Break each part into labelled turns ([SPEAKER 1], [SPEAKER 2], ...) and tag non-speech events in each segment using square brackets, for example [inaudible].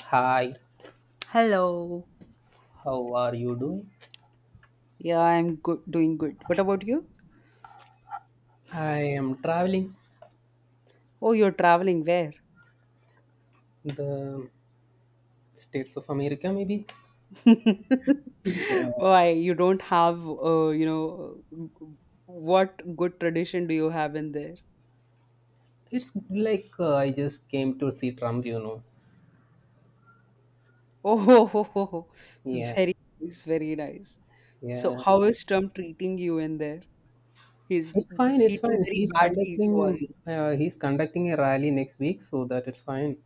[SPEAKER 1] Hi,
[SPEAKER 2] Hello.
[SPEAKER 1] how are you doing?
[SPEAKER 2] Yeah, I'm good, doing good. What about you?
[SPEAKER 1] I am traveling
[SPEAKER 2] Oh, you're traveling where?
[SPEAKER 1] the States of America, maybe.
[SPEAKER 2] [laughs]
[SPEAKER 1] Yeah.
[SPEAKER 2] Why you don't have, what good tradition do you have in there?
[SPEAKER 1] It's like I just came to see Trump.
[SPEAKER 2] Oh, [laughs] ho, ho, ho, ho.
[SPEAKER 1] Yeah,
[SPEAKER 2] Very nice, very nice. So,
[SPEAKER 1] yeah.
[SPEAKER 2] how is Trump treating you in there? He's
[SPEAKER 1] It's fine. It's
[SPEAKER 2] treating
[SPEAKER 1] fine.
[SPEAKER 2] very
[SPEAKER 1] He's
[SPEAKER 2] badly to
[SPEAKER 1] conducting.
[SPEAKER 2] us.
[SPEAKER 1] He's conducting a rally next week, so that it's fine.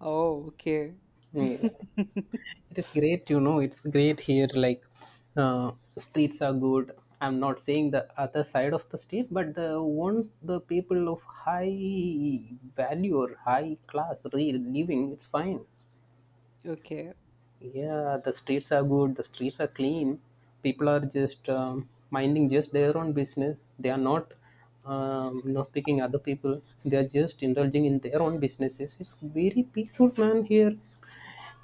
[SPEAKER 2] Oh, okay.
[SPEAKER 1] Yeah.
[SPEAKER 2] [laughs]
[SPEAKER 1] It is great. It's great here. Like uh, streets are good. I'm not saying the other side of the street, but the ones the people of high value or high class real living, it's fine.
[SPEAKER 2] Okay.
[SPEAKER 1] Yeah, the streets are good. The streets are clean. People are just minding just their own business. They are not speaking other people. They are just indulging in their own businesses. It's very peaceful, man. Here,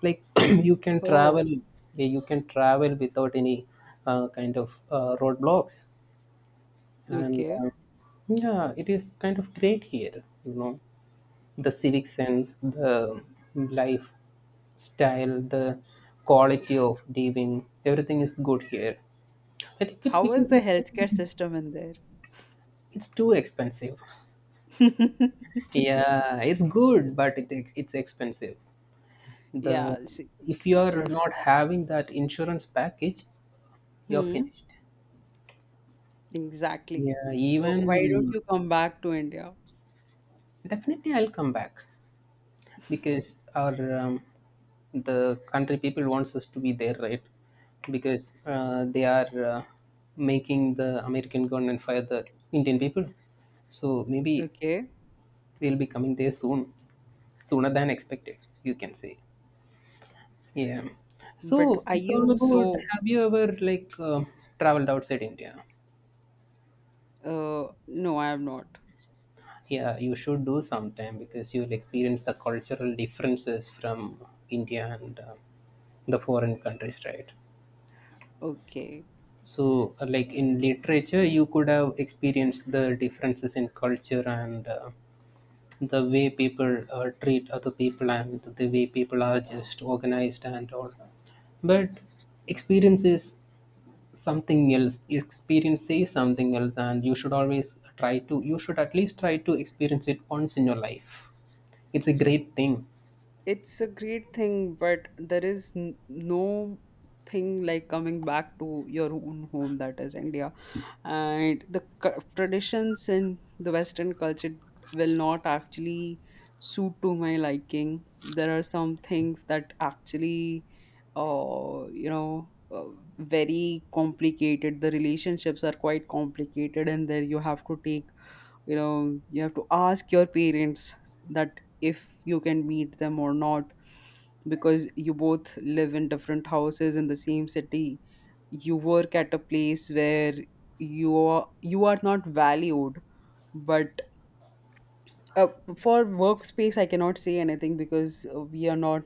[SPEAKER 1] like [clears throat] you can travel
[SPEAKER 2] Oh,
[SPEAKER 1] yeah, you can travel without any kind of roadblocks and
[SPEAKER 2] okay.
[SPEAKER 1] yeah, it is kind of great here the civic sense, the life style the quality of living, everything is good here. I think it's
[SPEAKER 2] How
[SPEAKER 1] because
[SPEAKER 2] is the
[SPEAKER 1] it's
[SPEAKER 2] healthcare system in
[SPEAKER 1] it's too expensive.
[SPEAKER 2] there? [laughs]
[SPEAKER 1] Yeah, it's good but it's expensive. The
[SPEAKER 2] Yeah, so,
[SPEAKER 1] If you
[SPEAKER 2] y-
[SPEAKER 1] are
[SPEAKER 2] y-
[SPEAKER 1] not having that insurance package, you're
[SPEAKER 2] Hmm.
[SPEAKER 1] finished.
[SPEAKER 2] Exactly.
[SPEAKER 1] Yeah,
[SPEAKER 2] So
[SPEAKER 1] even
[SPEAKER 2] why don't you come back to India?
[SPEAKER 1] definitely I'll come back because our the country people wants us to be there, right? Because they are making the American government fire the Indian people. So maybe
[SPEAKER 2] Okay.
[SPEAKER 1] we'll be coming there soon, sooner than expected, you can say. Yeah.
[SPEAKER 2] But
[SPEAKER 1] So
[SPEAKER 2] are
[SPEAKER 1] it's all
[SPEAKER 2] you
[SPEAKER 1] about.
[SPEAKER 2] so
[SPEAKER 1] Have you ever like traveled outside India?
[SPEAKER 2] no, I am not.
[SPEAKER 1] Yeah, you should do sometime because you'll experience the cultural differences from India and the foreign countries, right?
[SPEAKER 2] Okay.
[SPEAKER 1] So, like in literature, you could have experienced the differences in culture and the way people treat other people, and the way people are just organized and all. But experience is something else. Experience is something else, and you should always you should at least try to experience it once in your life. It's a great thing.
[SPEAKER 2] It's a great thing, but there is n no thing like coming back to your own home, that is India. And the traditions in the western culture will not actually suit to my liking. There are some things that actually, uh, you know uh, very complicated, the relationships are quite complicated, and there you have to take, you know, you have to ask your parents that if you can meet them or not, because you both live in different houses in the same city. You work at a place where you are not valued. But uh, for workspace I cannot say anything, because we are not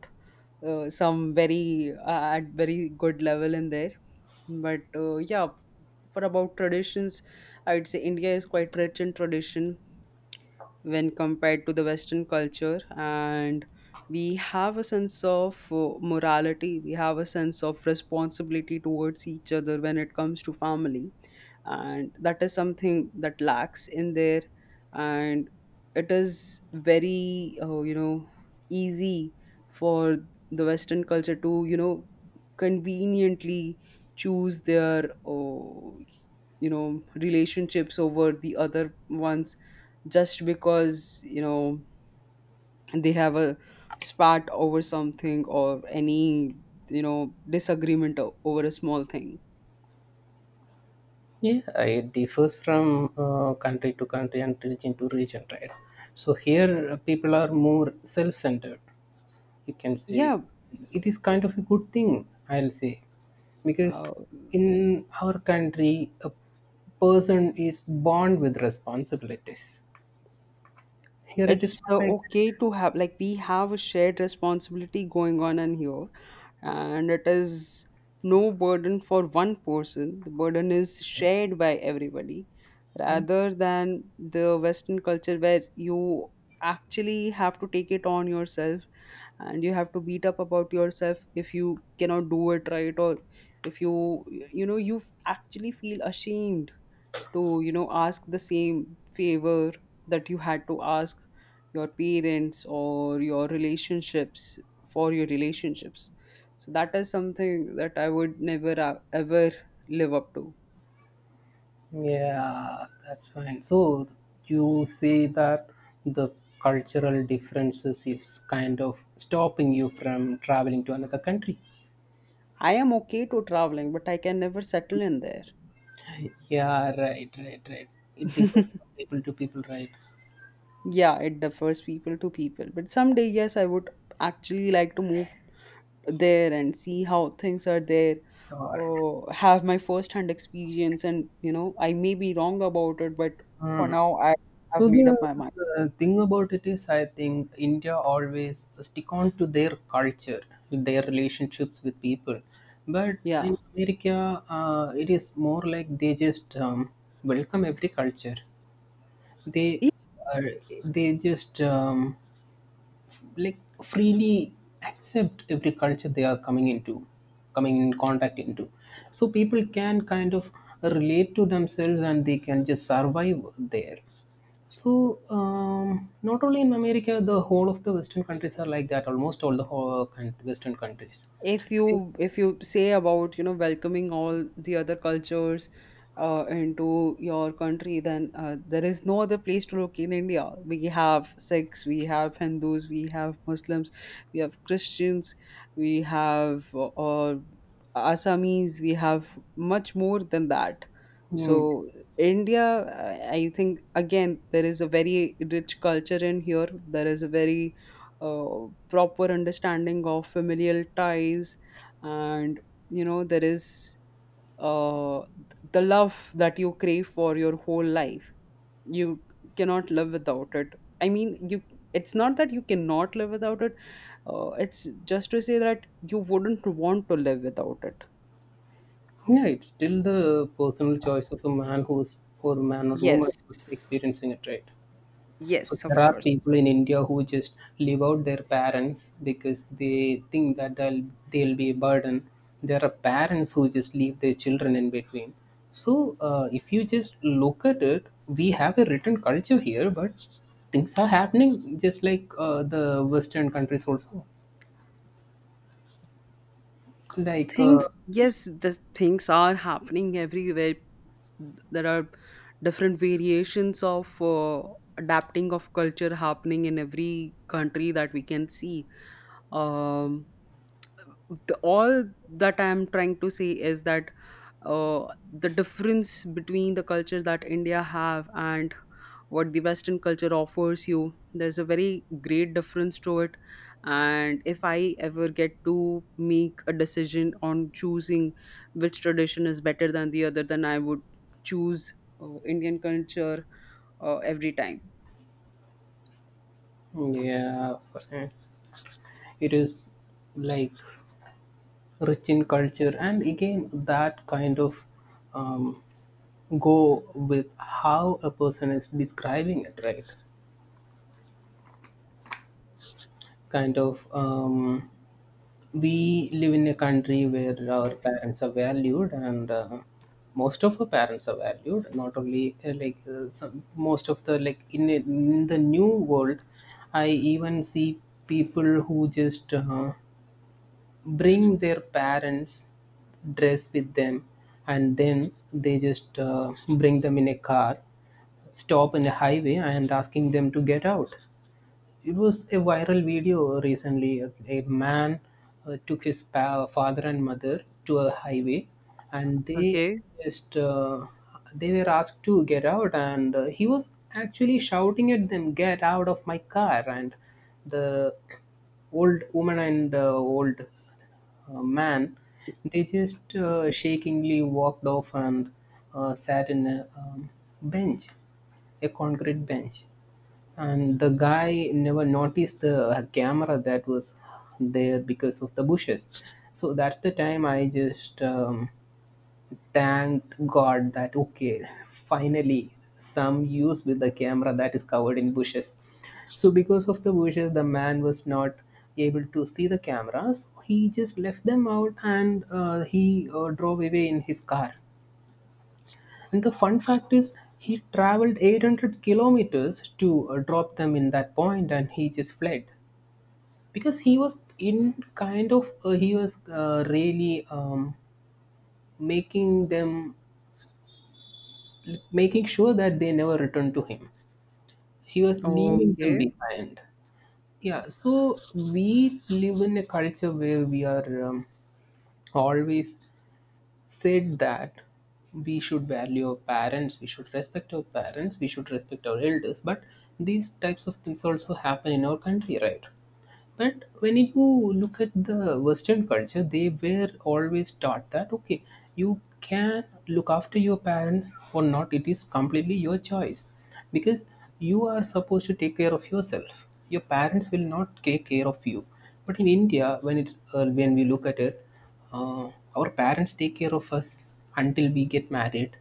[SPEAKER 2] some very at very good level in there. But yeah, for about traditions, I would say India is quite rich in tradition when compared to the western culture. And we have a sense of morality, we have a sense of responsibility towards each other when it comes to family, and that is something that lacks in there. And it is very, easy for the western culture to, you know, conveniently choose their, you know, relationships over the other ones, just because, you know, they have a spat over something or any, you know, disagreement over a small thing.
[SPEAKER 1] Yeah, it differs from country to country and region to region, right? So here people are more self-centered. You can say
[SPEAKER 2] Yeah,
[SPEAKER 1] it is kind of a good thing, I'll say, because
[SPEAKER 2] uh,
[SPEAKER 1] in our country a person is born with responsibilities. Here it is
[SPEAKER 2] it's,
[SPEAKER 1] not like
[SPEAKER 2] okay
[SPEAKER 1] that.
[SPEAKER 2] to have, like, we have a shared responsibility going on in here, and it is no burden for one person. The burden is shared by everybody, rather than the western culture where you actually have to take it on yourself and you have to beat up about yourself if you cannot do it right. Or if you, you know, you actually feel ashamed to, you know, ask the same favor that you had to ask your parents or your relationships, for your relationships. So that is something that I would never, ever live up to.
[SPEAKER 1] Yeah, that's fine. So you say that the cultural differences is kind of stopping you from traveling to another country.
[SPEAKER 2] I am okay to traveling, but I can never settle in there.
[SPEAKER 1] Yeah, right, right, right. It differs from
[SPEAKER 2] [laughs]
[SPEAKER 1] people to people, right?
[SPEAKER 2] Yeah, it differs people to people, but someday, yes, I would actually like to move there and see how things are there.
[SPEAKER 1] So
[SPEAKER 2] Have my first hand experience, and, you know, I may be wrong about it, but for
[SPEAKER 1] mm.
[SPEAKER 2] now I have
[SPEAKER 1] So
[SPEAKER 2] made
[SPEAKER 1] the,
[SPEAKER 2] up my mind.
[SPEAKER 1] the thing about it is, I think India always stick on to their culture, their relationships with people. But
[SPEAKER 2] Yeah,
[SPEAKER 1] in America, it is more like they just welcome every culture. They are, they just like freely accept every culture they are coming in contact into, so people can kind of relate to themselves and they can just survive there. So um, not only in America, the whole of the western countries are like that, almost all western countries.
[SPEAKER 2] if
[SPEAKER 1] They-
[SPEAKER 2] you if you say about, you know, welcoming all the other cultures into your country, then there is no other place to look. In India we have Sikhs, we have Hindus, we have Muslims, we have Christians, we have Assamese, we have much more than that. So
[SPEAKER 1] Hmm.
[SPEAKER 2] India, I think again there is a very rich culture in here. There is a very proper understanding of familial ties, and, you know, there is uh, the love that you crave for your whole life. You cannot live without it. I mean, you it's not that you cannot live without it. It's just to say that you wouldn't want to live without it.
[SPEAKER 1] Yeah, it's still the personal choice of a man who's or a man or woman
[SPEAKER 2] Yes,
[SPEAKER 1] who's experiencing it, right? So
[SPEAKER 2] yes,
[SPEAKER 1] there
[SPEAKER 2] of
[SPEAKER 1] are
[SPEAKER 2] course.
[SPEAKER 1] people in India who just leave out their parents because they think that they'll be a burden. There are parents who just leave their children in between. So if you just look at it, we have a written culture here, but things are happening just like the Western countries also. Like
[SPEAKER 2] Things, yes, the things are happening everywhere. There are different variations of adapting of culture happening in every country that we can see. Um, all that I'm trying to say is that, the difference between the culture that India have and what the western culture offers you, there's a very great difference to it. And if I ever get to make a decision on choosing which tradition is better than the other, then I would choose Indian culture, every time.
[SPEAKER 1] yeah, it is like rich in culture. And again, that kind of um, go with how a person is describing it, right? Kind of we live in a country where our parents are valued and most of our parents are valued, not only most of the like in the new world. I even see people who just bring their parents dress with them, and then they just bring them in a car, stop in a highway and asking them to get out. It was a viral video recently, a man took his father and mother to a highway, and they
[SPEAKER 2] Okay.
[SPEAKER 1] just they were asked to get out, and he was actually shouting at them, get out of my car. And the old woman and old man, they just shakingly walked off and sat in a bench, a concrete bench. And the guy never noticed the camera that was there because of the bushes. So that's the time I just thank God that okay, finally some use with the camera that is covered in bushes. So because of the bushes, the man was not able to see the cameras. He just left them out, and he drove away in his car. And the fun fact is, he traveled 800 kilometers to drop them in that point, and he just fled because he was in kind of he was really making them making sure that they never returned to him. He was leaving them
[SPEAKER 2] Okay,
[SPEAKER 1] behind. Yeah, so we live in a culture where we are always said that we should value our parents, we should respect our parents, we should respect our elders. But these types of things also happen in our country, right? But when you look at the Western culture, they were always taught that okay, you can look after your parents or not. It is completely your choice because you are supposed to take care of yourself. Your parents will not take care of you. But in India, when it when we look at it, uh, our parents take care of us until we get married.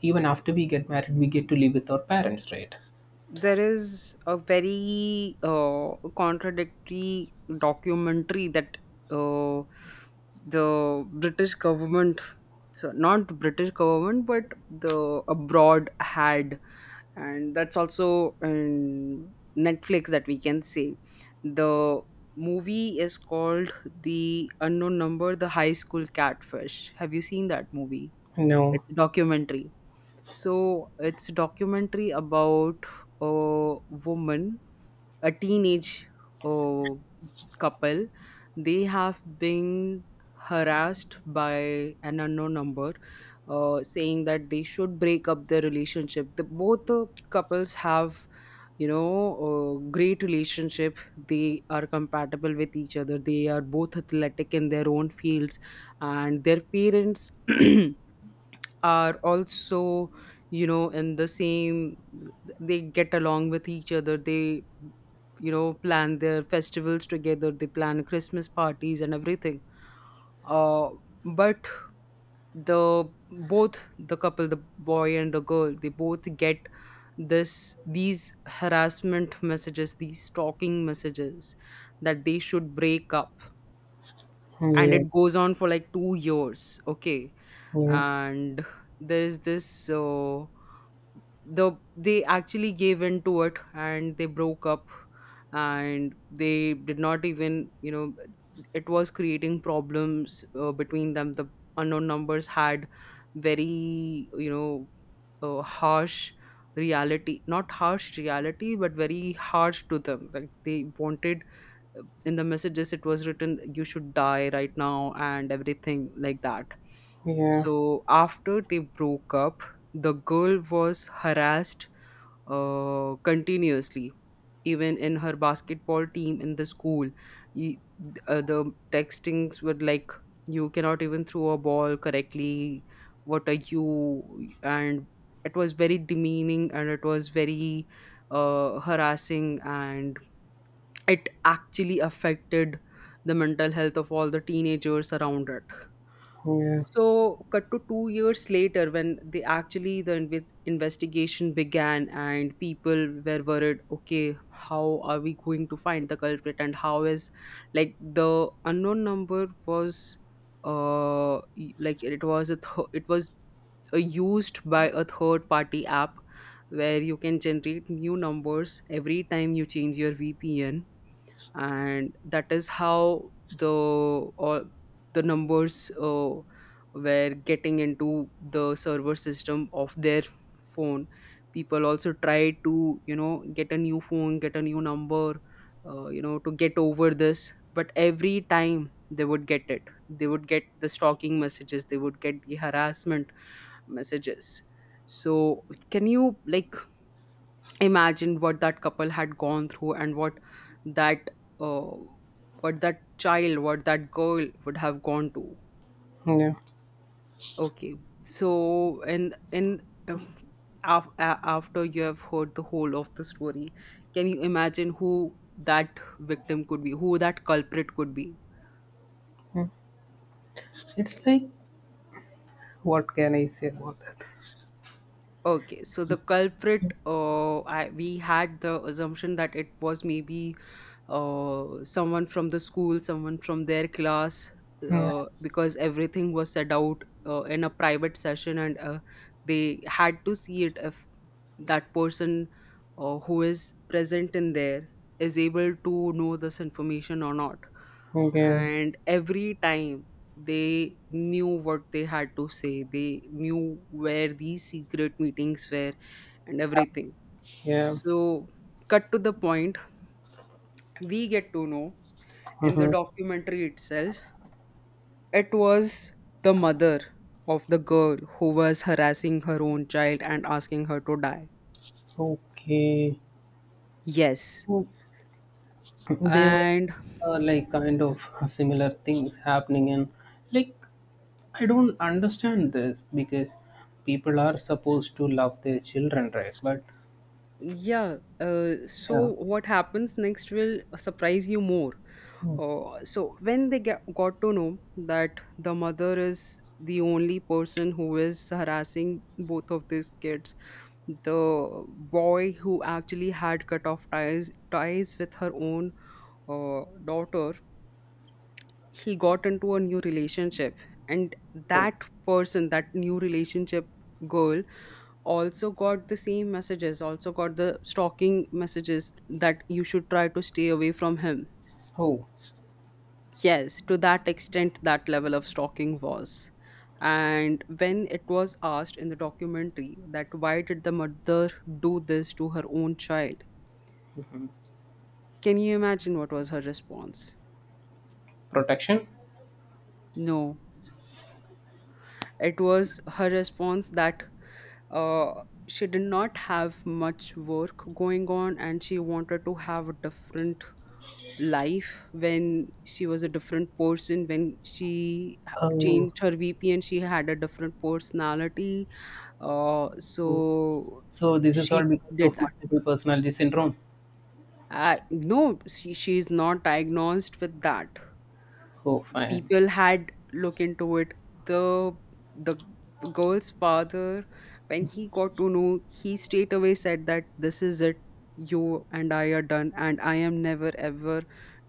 [SPEAKER 1] Even after we get married, we get to live with our parents, right?
[SPEAKER 2] there is a very contradictory documentary that, uh, the British government, so not the British government, but the abroad had, and that's also in Netflix, that we can say. The movie is called The Unknown Number, The High School Catfish. Have you seen that movie?
[SPEAKER 1] No.
[SPEAKER 2] It's a documentary. So it's a documentary about a woman, a teenage, uh, couple. They have been harassed by an unknown number, saying that they should break up their relationship. The, both the couples have, you know, a great relationship. They are compatible with each other. They are both athletic in their own fields, and their parents [clears throat] are also, you know, in the same, they get along with each other, they, you know, plan their festivals together, they plan Christmas parties and everything. uh, but the both the couple, the boy and the girl, they both get this these harassment messages, these stalking messages, that they should break up. And
[SPEAKER 1] Yeah.
[SPEAKER 2] it goes on for like 2 years, okay.
[SPEAKER 1] Yeah.
[SPEAKER 2] And there is this, they actually gave in to it and they broke up, and they did not even, you know, it was creating problems between them. The unknown numbers had very, you know, harsh reality not harsh reality, but very harsh to them, like they wanted, in the messages it was written, you should die right now and everything like that.
[SPEAKER 1] Yeah.
[SPEAKER 2] So after they broke up, the girl was harassed continuously, even in her basketball team in the school. you, the textings were like, you cannot even throw a ball correctly, what are you, and it was very demeaning, and it was very harassing, and it actually affected the mental health of all the teenagers around it.
[SPEAKER 1] Yeah.
[SPEAKER 2] So cut to 2 years later, when they actually investigation began and people were worried, okay, how are we going to find the culprit and how is, like, the unknown number was, like it was a it was used by a third party app, where you can generate new numbers every time you change your VPN. And that is how the all the numbers were getting into the server system of their phone. People also tried to, you know, get a new phone, get a new number, you know, to get over this, but every time they would get it, they would get the stalking messages, they would get the harassment messages. So can you, like, imagine what that couple had gone through, and what that, uh, what that child what that girl would have gone to.
[SPEAKER 1] Yeah.
[SPEAKER 2] Okay. So, and uh, after you have heard the whole of the story, can you imagine who that victim could be, who that culprit could be?
[SPEAKER 1] It's like, what can I say about that?
[SPEAKER 2] Okay, so the culprit, we had the assumption that it was maybe someone from the school, someone from their class, because everything was set out in a private session, and they had to see it, if that person who is present in there is able to know this information or not.
[SPEAKER 1] Okay,
[SPEAKER 2] And every time they knew what they had to say, they knew where these secret meetings were and everything.
[SPEAKER 1] yeah,
[SPEAKER 2] So, cut to the point, we get to know in the
[SPEAKER 1] mhm.
[SPEAKER 2] documentary itself. It was the mother of the girl who was harassing her own child and asking her to die.
[SPEAKER 1] Okay.
[SPEAKER 2] Yes.
[SPEAKER 1] Oh, they were
[SPEAKER 2] And
[SPEAKER 1] like kind of similar things happening, and like I don't understand this because people are supposed to love their children, right? But
[SPEAKER 2] yeah, so
[SPEAKER 1] yeah,
[SPEAKER 2] what happens next will surprise you more.
[SPEAKER 1] mm.
[SPEAKER 2] So when they got to know that the mother is the only person who is harassing both of these kids, the boy who actually had cut off ties with her own daughter, he got into a new relationship, and
[SPEAKER 1] Oh,
[SPEAKER 2] that person, that new relationship girl, also got the same messages, also got the stalking messages that you should try to stay away from him.
[SPEAKER 1] oh,
[SPEAKER 2] Yes, to that extent, that level of stalking was. And when it was asked in the documentary that why did the mother do this to her own child, can you imagine what was her response?
[SPEAKER 1] protection.
[SPEAKER 2] No. It was her response that uh, she did not have much work going on and she wanted to have a different life, when she was a different person, when she
[SPEAKER 1] Oh,
[SPEAKER 2] changed her vp and she had a different personality. uh,
[SPEAKER 1] oh,
[SPEAKER 2] so
[SPEAKER 1] so this is all
[SPEAKER 2] she
[SPEAKER 1] because
[SPEAKER 2] did
[SPEAKER 1] of
[SPEAKER 2] that.
[SPEAKER 1] multiple personality syndrome.
[SPEAKER 2] I, no, she, she is not diagnosed with that.
[SPEAKER 1] Oh, fine.
[SPEAKER 2] People had look into it. The the girl's father, when he got to know, he straight away said that this is it. You and I are done, and I am never ever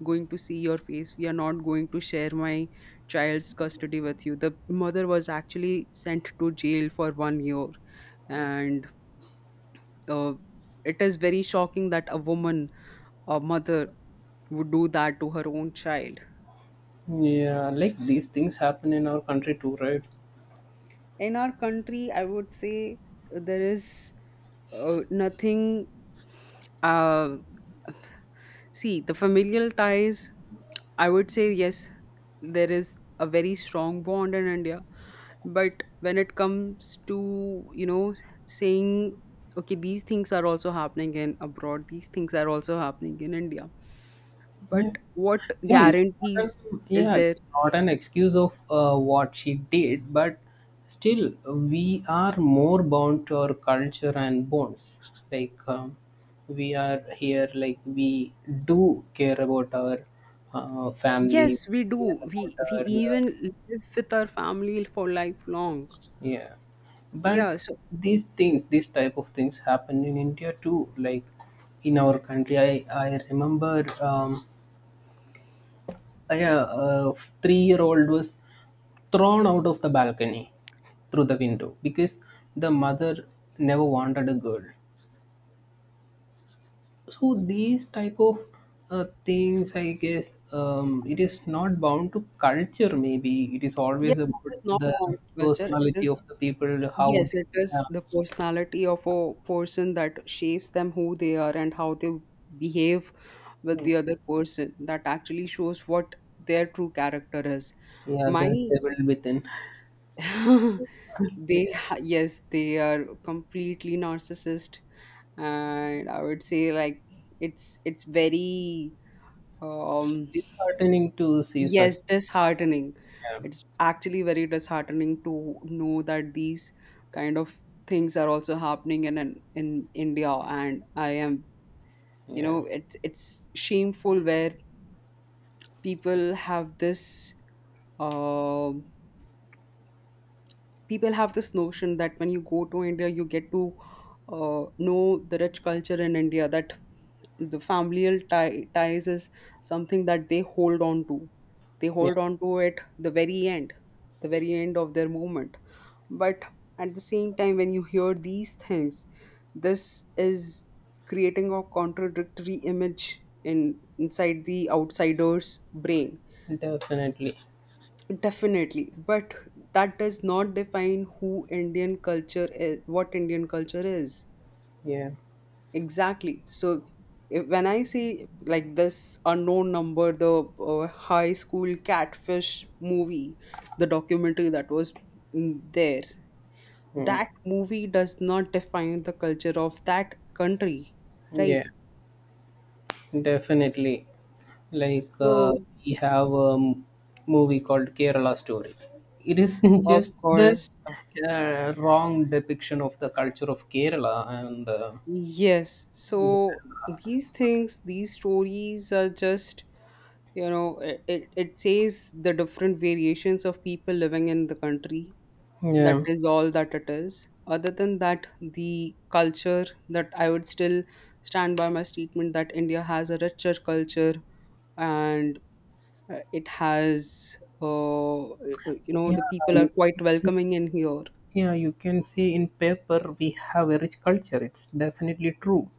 [SPEAKER 2] going to see your face. We are not going to share my child's custody with you. The mother was actually sent to jail for 1 year. And uh, it is very shocking that a woman, a mother, would do that to her own child.
[SPEAKER 1] Yeah, like these things happen in our country too, right?
[SPEAKER 2] In our country, I would say there is nothing. uh, See, the familial ties, I would say yes, there is a very strong bond in India. But when it comes to you know saying okay, these things are also happening in abroad, these things are also happening in India, but
[SPEAKER 1] Yeah.
[SPEAKER 2] what
[SPEAKER 1] Yeah, it's not an,
[SPEAKER 2] guarantees is
[SPEAKER 1] yeah, it's
[SPEAKER 2] there?
[SPEAKER 1] not an excuse of what she did, but still, we are more bound to our culture and bonds. Like, we are here, like, we do care about our
[SPEAKER 2] Yes,
[SPEAKER 1] family,
[SPEAKER 2] we do,
[SPEAKER 1] we care about
[SPEAKER 2] we
[SPEAKER 1] our.
[SPEAKER 2] even live with our family for lifelong.
[SPEAKER 1] Yeah. But
[SPEAKER 2] Yeah, so
[SPEAKER 1] these things, these type of things happen in India too. Like, in our country, I remember a 3 year old was thrown out of the balcony through the window because the mother never wanted a girl. So these type of things I guess it is not bound to culture, maybe it is
[SPEAKER 2] yes,
[SPEAKER 1] always
[SPEAKER 2] it
[SPEAKER 1] about
[SPEAKER 2] is not
[SPEAKER 1] the
[SPEAKER 2] found culture. It
[SPEAKER 1] personality
[SPEAKER 2] is,
[SPEAKER 1] of the people how
[SPEAKER 2] yes,
[SPEAKER 1] they
[SPEAKER 2] it
[SPEAKER 1] uh,
[SPEAKER 2] is the personality of a person that shapes them who they are and how they behave with the other person that actually shows what their true character is.
[SPEAKER 1] yeah, the
[SPEAKER 2] My
[SPEAKER 1] devil within.
[SPEAKER 2] [laughs] they
[SPEAKER 1] Yeah,
[SPEAKER 2] yes, they are completely narcissist, and I would say like it's very um
[SPEAKER 1] disheartening to see such,
[SPEAKER 2] Yes, disheartening.
[SPEAKER 1] yeah,
[SPEAKER 2] It's actually very disheartening to know that these kind of things are also happening in in India, and I am,
[SPEAKER 1] yeah,
[SPEAKER 2] it's shameful where people have this. um People have this notion that when you go to India, you get to know the rich culture in India, that the familial ties is something that they hold on to. They
[SPEAKER 1] yeah,
[SPEAKER 2] hold on to it the very end of their movement. But at the same time, when you hear these things, this is creating a contradictory image in inside the outsider's brain.
[SPEAKER 1] definitely,
[SPEAKER 2] Definitely, but that does not define who Indian culture is, what Indian culture is.
[SPEAKER 1] yeah,
[SPEAKER 2] Exactly. So, if, when I say like this unknown number, the high school catfish movie, the documentary that was, there,
[SPEAKER 1] mm,
[SPEAKER 2] that movie does not define the culture of that country, right?
[SPEAKER 1] yeah. Definitely. Like
[SPEAKER 2] So,
[SPEAKER 1] we have movie called Kerala Story. It is [laughs]
[SPEAKER 2] of
[SPEAKER 1] just the
[SPEAKER 2] course,
[SPEAKER 1] wrong depiction of the culture of Kerala, and
[SPEAKER 2] yes. So, these things, these stories are just, you know, it it says the different variations of people living in the country. That
[SPEAKER 1] yeah,
[SPEAKER 2] is all that it is. Other than that, the culture, that I would still stand by my statement that India has a richer culture, and it has you know,
[SPEAKER 1] yeah,
[SPEAKER 2] the people are
[SPEAKER 1] you
[SPEAKER 2] quite
[SPEAKER 1] can
[SPEAKER 2] welcoming
[SPEAKER 1] see,
[SPEAKER 2] in here.
[SPEAKER 1] yeah, you can see, in paper we have a rich culture. It's definitely true.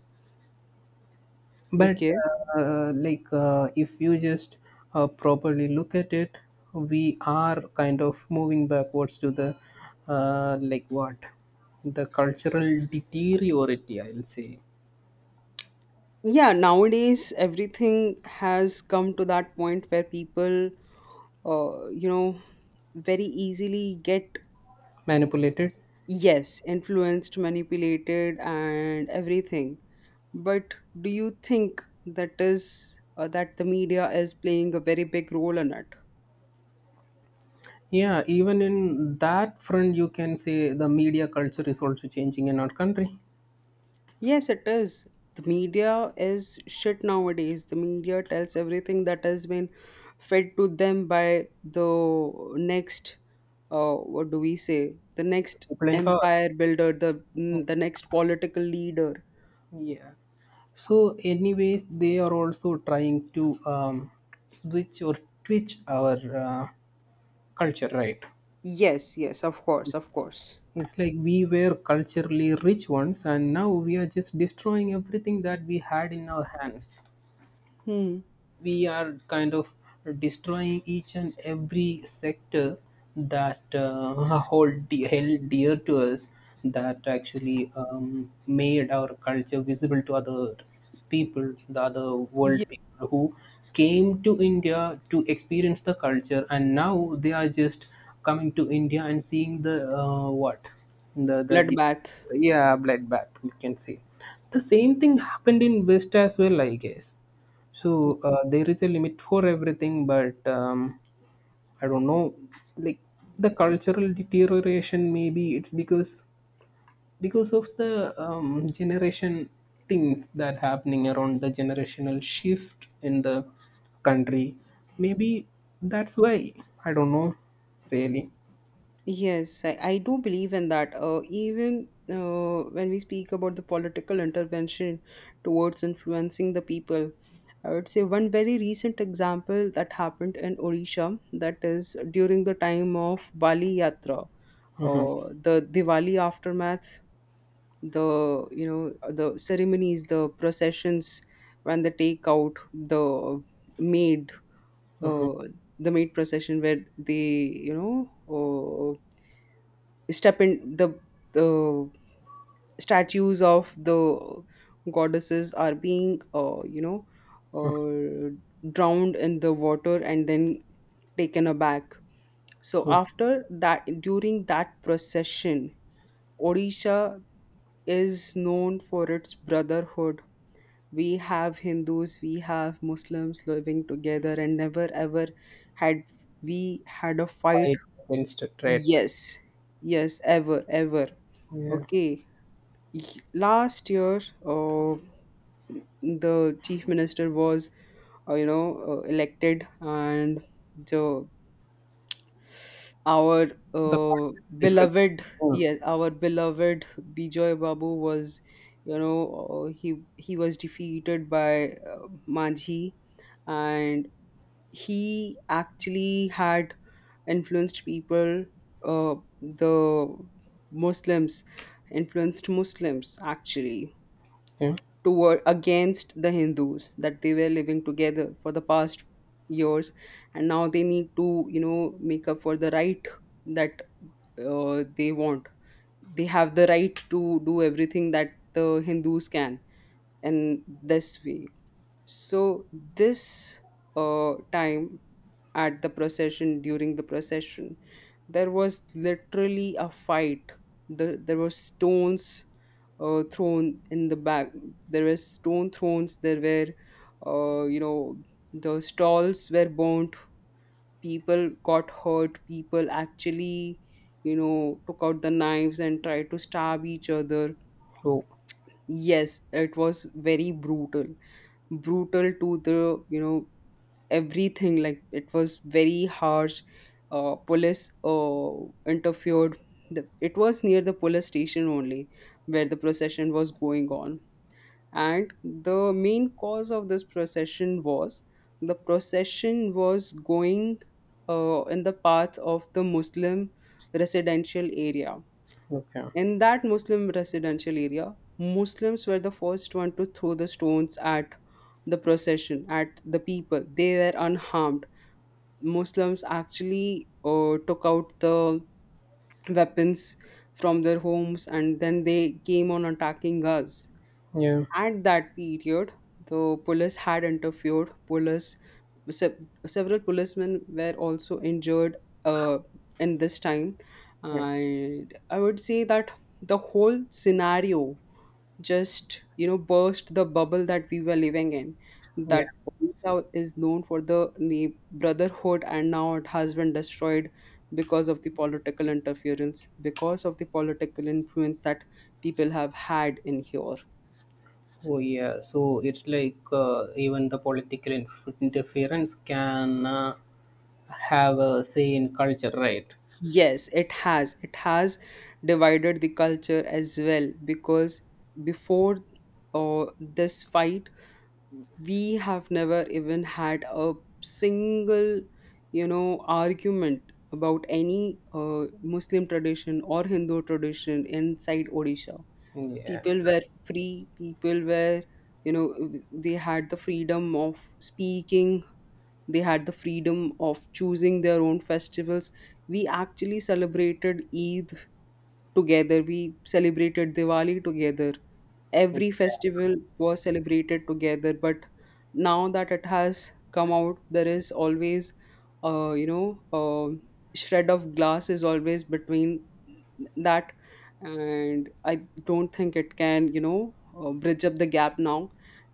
[SPEAKER 1] But
[SPEAKER 2] Okay,
[SPEAKER 1] if you just properly look at it, we are kind of moving backwards to the like what the cultural deteriority, I'll say,
[SPEAKER 2] yeah, nowadays everything has come to that point where people you know very easily get.
[SPEAKER 1] manipulated.
[SPEAKER 2] Yes, influenced, manipulated, and everything. But do you think that is that the media is playing a very big role in it?
[SPEAKER 1] Yeah, even in that front, you can say the media culture is also changing in our country.
[SPEAKER 2] Yes, it is. The media is shit nowadays. The media tells everything that has been fed to them by the next, what do we say? The next
[SPEAKER 1] People in power.
[SPEAKER 2] empire builder, the the next political leader.
[SPEAKER 1] Yeah. So, anyways, they are also trying to switch or twitch our culture, right?
[SPEAKER 2] Yes, yes, of course, of course.
[SPEAKER 1] It's like we were culturally rich once, and now we are just destroying everything that we had in our hands.
[SPEAKER 2] Hmm.
[SPEAKER 1] We are kind of destroying each and every sector that [laughs] held dear to us, that actually made our culture visible to other people, the other world
[SPEAKER 2] Yeah,
[SPEAKER 1] people who came to India to experience the culture, and now they are just coming to India and seeing the what the the de-
[SPEAKER 2] bloodbath.
[SPEAKER 1] yeah, bloodbath, we can say. The same thing happened in west as well, I guess. So there is a limit for everything, but I don't know. Like the cultural deterioration, maybe it's because of the generation things that happening around the generational shift in the country. Maybe that's why I don't know really
[SPEAKER 2] Yes, I do believe in that. Even when we speak about the political intervention towards influencing the people, I would say one very recent example that happened in Odisha, that is during the time of Bali Yatra, or the Diwali aftermath, the, you know, the ceremonies, the processions when they take out maid, uh, the maid procession where they, you know. Step in the statues of the goddesses are being, you know, uh, drowned in the water and then taken aback. So
[SPEAKER 1] to
[SPEAKER 2] after that, during that procession, Odisha is known for its brotherhood. We have Hindus, we have Muslims living together and never ever had, we had a fight.
[SPEAKER 1] fight against a threat.
[SPEAKER 2] Yes, yes, ever ever.
[SPEAKER 1] Yeah,
[SPEAKER 2] Okay. Last year, uh, the chief minister was, you know, elected, and the our
[SPEAKER 1] the
[SPEAKER 2] uh,
[SPEAKER 1] cultural different.
[SPEAKER 2] beloved,
[SPEAKER 1] Mm.
[SPEAKER 2] yes, our beloved Bijoy Babu was, you know, he was defeated by Manji, and he actually had influenced people, uh, the Muslims, influenced Muslims actually
[SPEAKER 1] Yeah.
[SPEAKER 2] toward against the Hindus, that they were living together for the past years and now they need to, you know, make up for the right that they want, they have the right to do everything that the Hindus can. And this way, so this time, at the procession, during the procession, there was literally a fight. The, there were stones thrown in the back. There were stone thrones. There were, you know, the stalls were burnt. People got hurt. People actually, you know, took out the knives and tried to stab each other.
[SPEAKER 1] Oh.
[SPEAKER 2] Yes, it was very brutal, brutal to the, you know, everything, like it was very harsh. Police interfered. The, it was near the police station only where the procession was going on, and the main cause of this procession was the procession was going in the path of the Muslim residential area.
[SPEAKER 1] Okay.
[SPEAKER 2] In that Muslim residential area, Muslims were the first one to throw the stones at the procession, at the people. They were unharmed. Muslims actually took out the weapons from their homes and then they came on attacking us.
[SPEAKER 1] Yeah.
[SPEAKER 2] At that period, the police had interfered. Police, se- several policemen were also injured uh, in this time,
[SPEAKER 1] Yeah.
[SPEAKER 2] and I would say that the whole scenario just, you know, burst the bubble that we were living in, that
[SPEAKER 1] Yeah.
[SPEAKER 2] Odisha is known for the brotherhood, and now it has been destroyed because of the political interference, because of the political influence that people have had in here.
[SPEAKER 1] Oh yeah, so it's like even the political interference can have a say in culture, right?
[SPEAKER 2] Yes, it has, it has divided the culture as well, because before this fight, we have never even had a single, you know, argument about any Muslim tradition or Hindu tradition inside Odisha.
[SPEAKER 1] Yeah,
[SPEAKER 2] People were free, people were, you know, they had the freedom of speaking, they had the freedom of choosing their own festivals. We actually celebrated Eid together, we celebrated Diwali together, every festival was celebrated together. But now that it has come out, there is always you know shred of glass is always between that. And I don't think it can, you know, bridge up the gap now.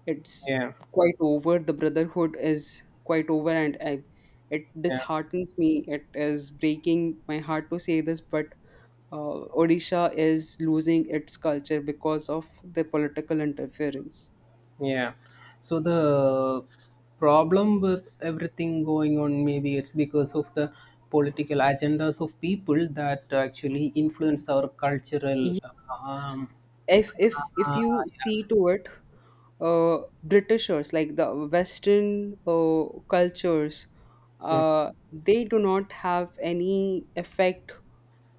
[SPEAKER 2] It's
[SPEAKER 1] yeah,
[SPEAKER 2] quite over, the brotherhood is quite over, and I, it
[SPEAKER 1] yeah,
[SPEAKER 2] disheartens me, it is breaking my heart to say this, but Odisha is losing its culture because of the political interference.
[SPEAKER 1] yeah. So the problem with everything going on, maybe it's because of the political agendas of people that actually influence our cultural.
[SPEAKER 2] Ye-
[SPEAKER 1] Um,
[SPEAKER 2] If
[SPEAKER 1] uh,
[SPEAKER 2] you see to it, Britishers, like the Western cultures,
[SPEAKER 1] yeah, yeah,
[SPEAKER 2] they do not have any effect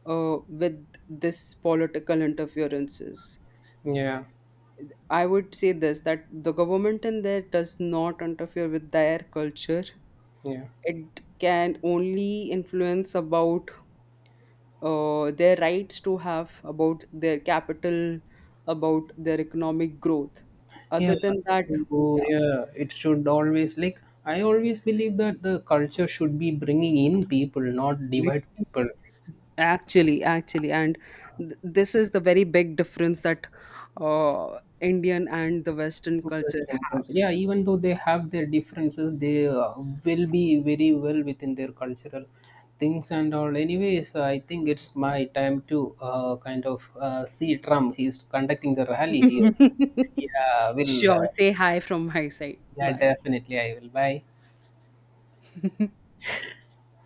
[SPEAKER 2] with this political interferences.
[SPEAKER 1] yeah.
[SPEAKER 2] I would say this, that the government in there does not interfere with their culture.
[SPEAKER 1] Yeah.
[SPEAKER 2] It can only influence about their rights to have about their capital, about their economic growth,
[SPEAKER 1] Yeah.
[SPEAKER 2] other than that.
[SPEAKER 1] So,
[SPEAKER 2] Yeah,
[SPEAKER 1] yeah, it should always, like I always believe that the culture should be bringing in people, not
[SPEAKER 2] we-
[SPEAKER 1] divide people.
[SPEAKER 2] actually, actually, and this is the very big difference that Indian and the Western
[SPEAKER 1] Interest
[SPEAKER 2] culture
[SPEAKER 1] and
[SPEAKER 2] have.
[SPEAKER 1] culture. Yeah, even though they have their differences, they will be very well within their cultural things and all. Anyways, I think it's my time to kind of see Trump. He's conducting the rally here.
[SPEAKER 2] [laughs]
[SPEAKER 1] Yeah, will.
[SPEAKER 2] Sure, say hi from my side,
[SPEAKER 1] Yeah,
[SPEAKER 2] bye.
[SPEAKER 1] definitely. I will. Bye.
[SPEAKER 2] [laughs]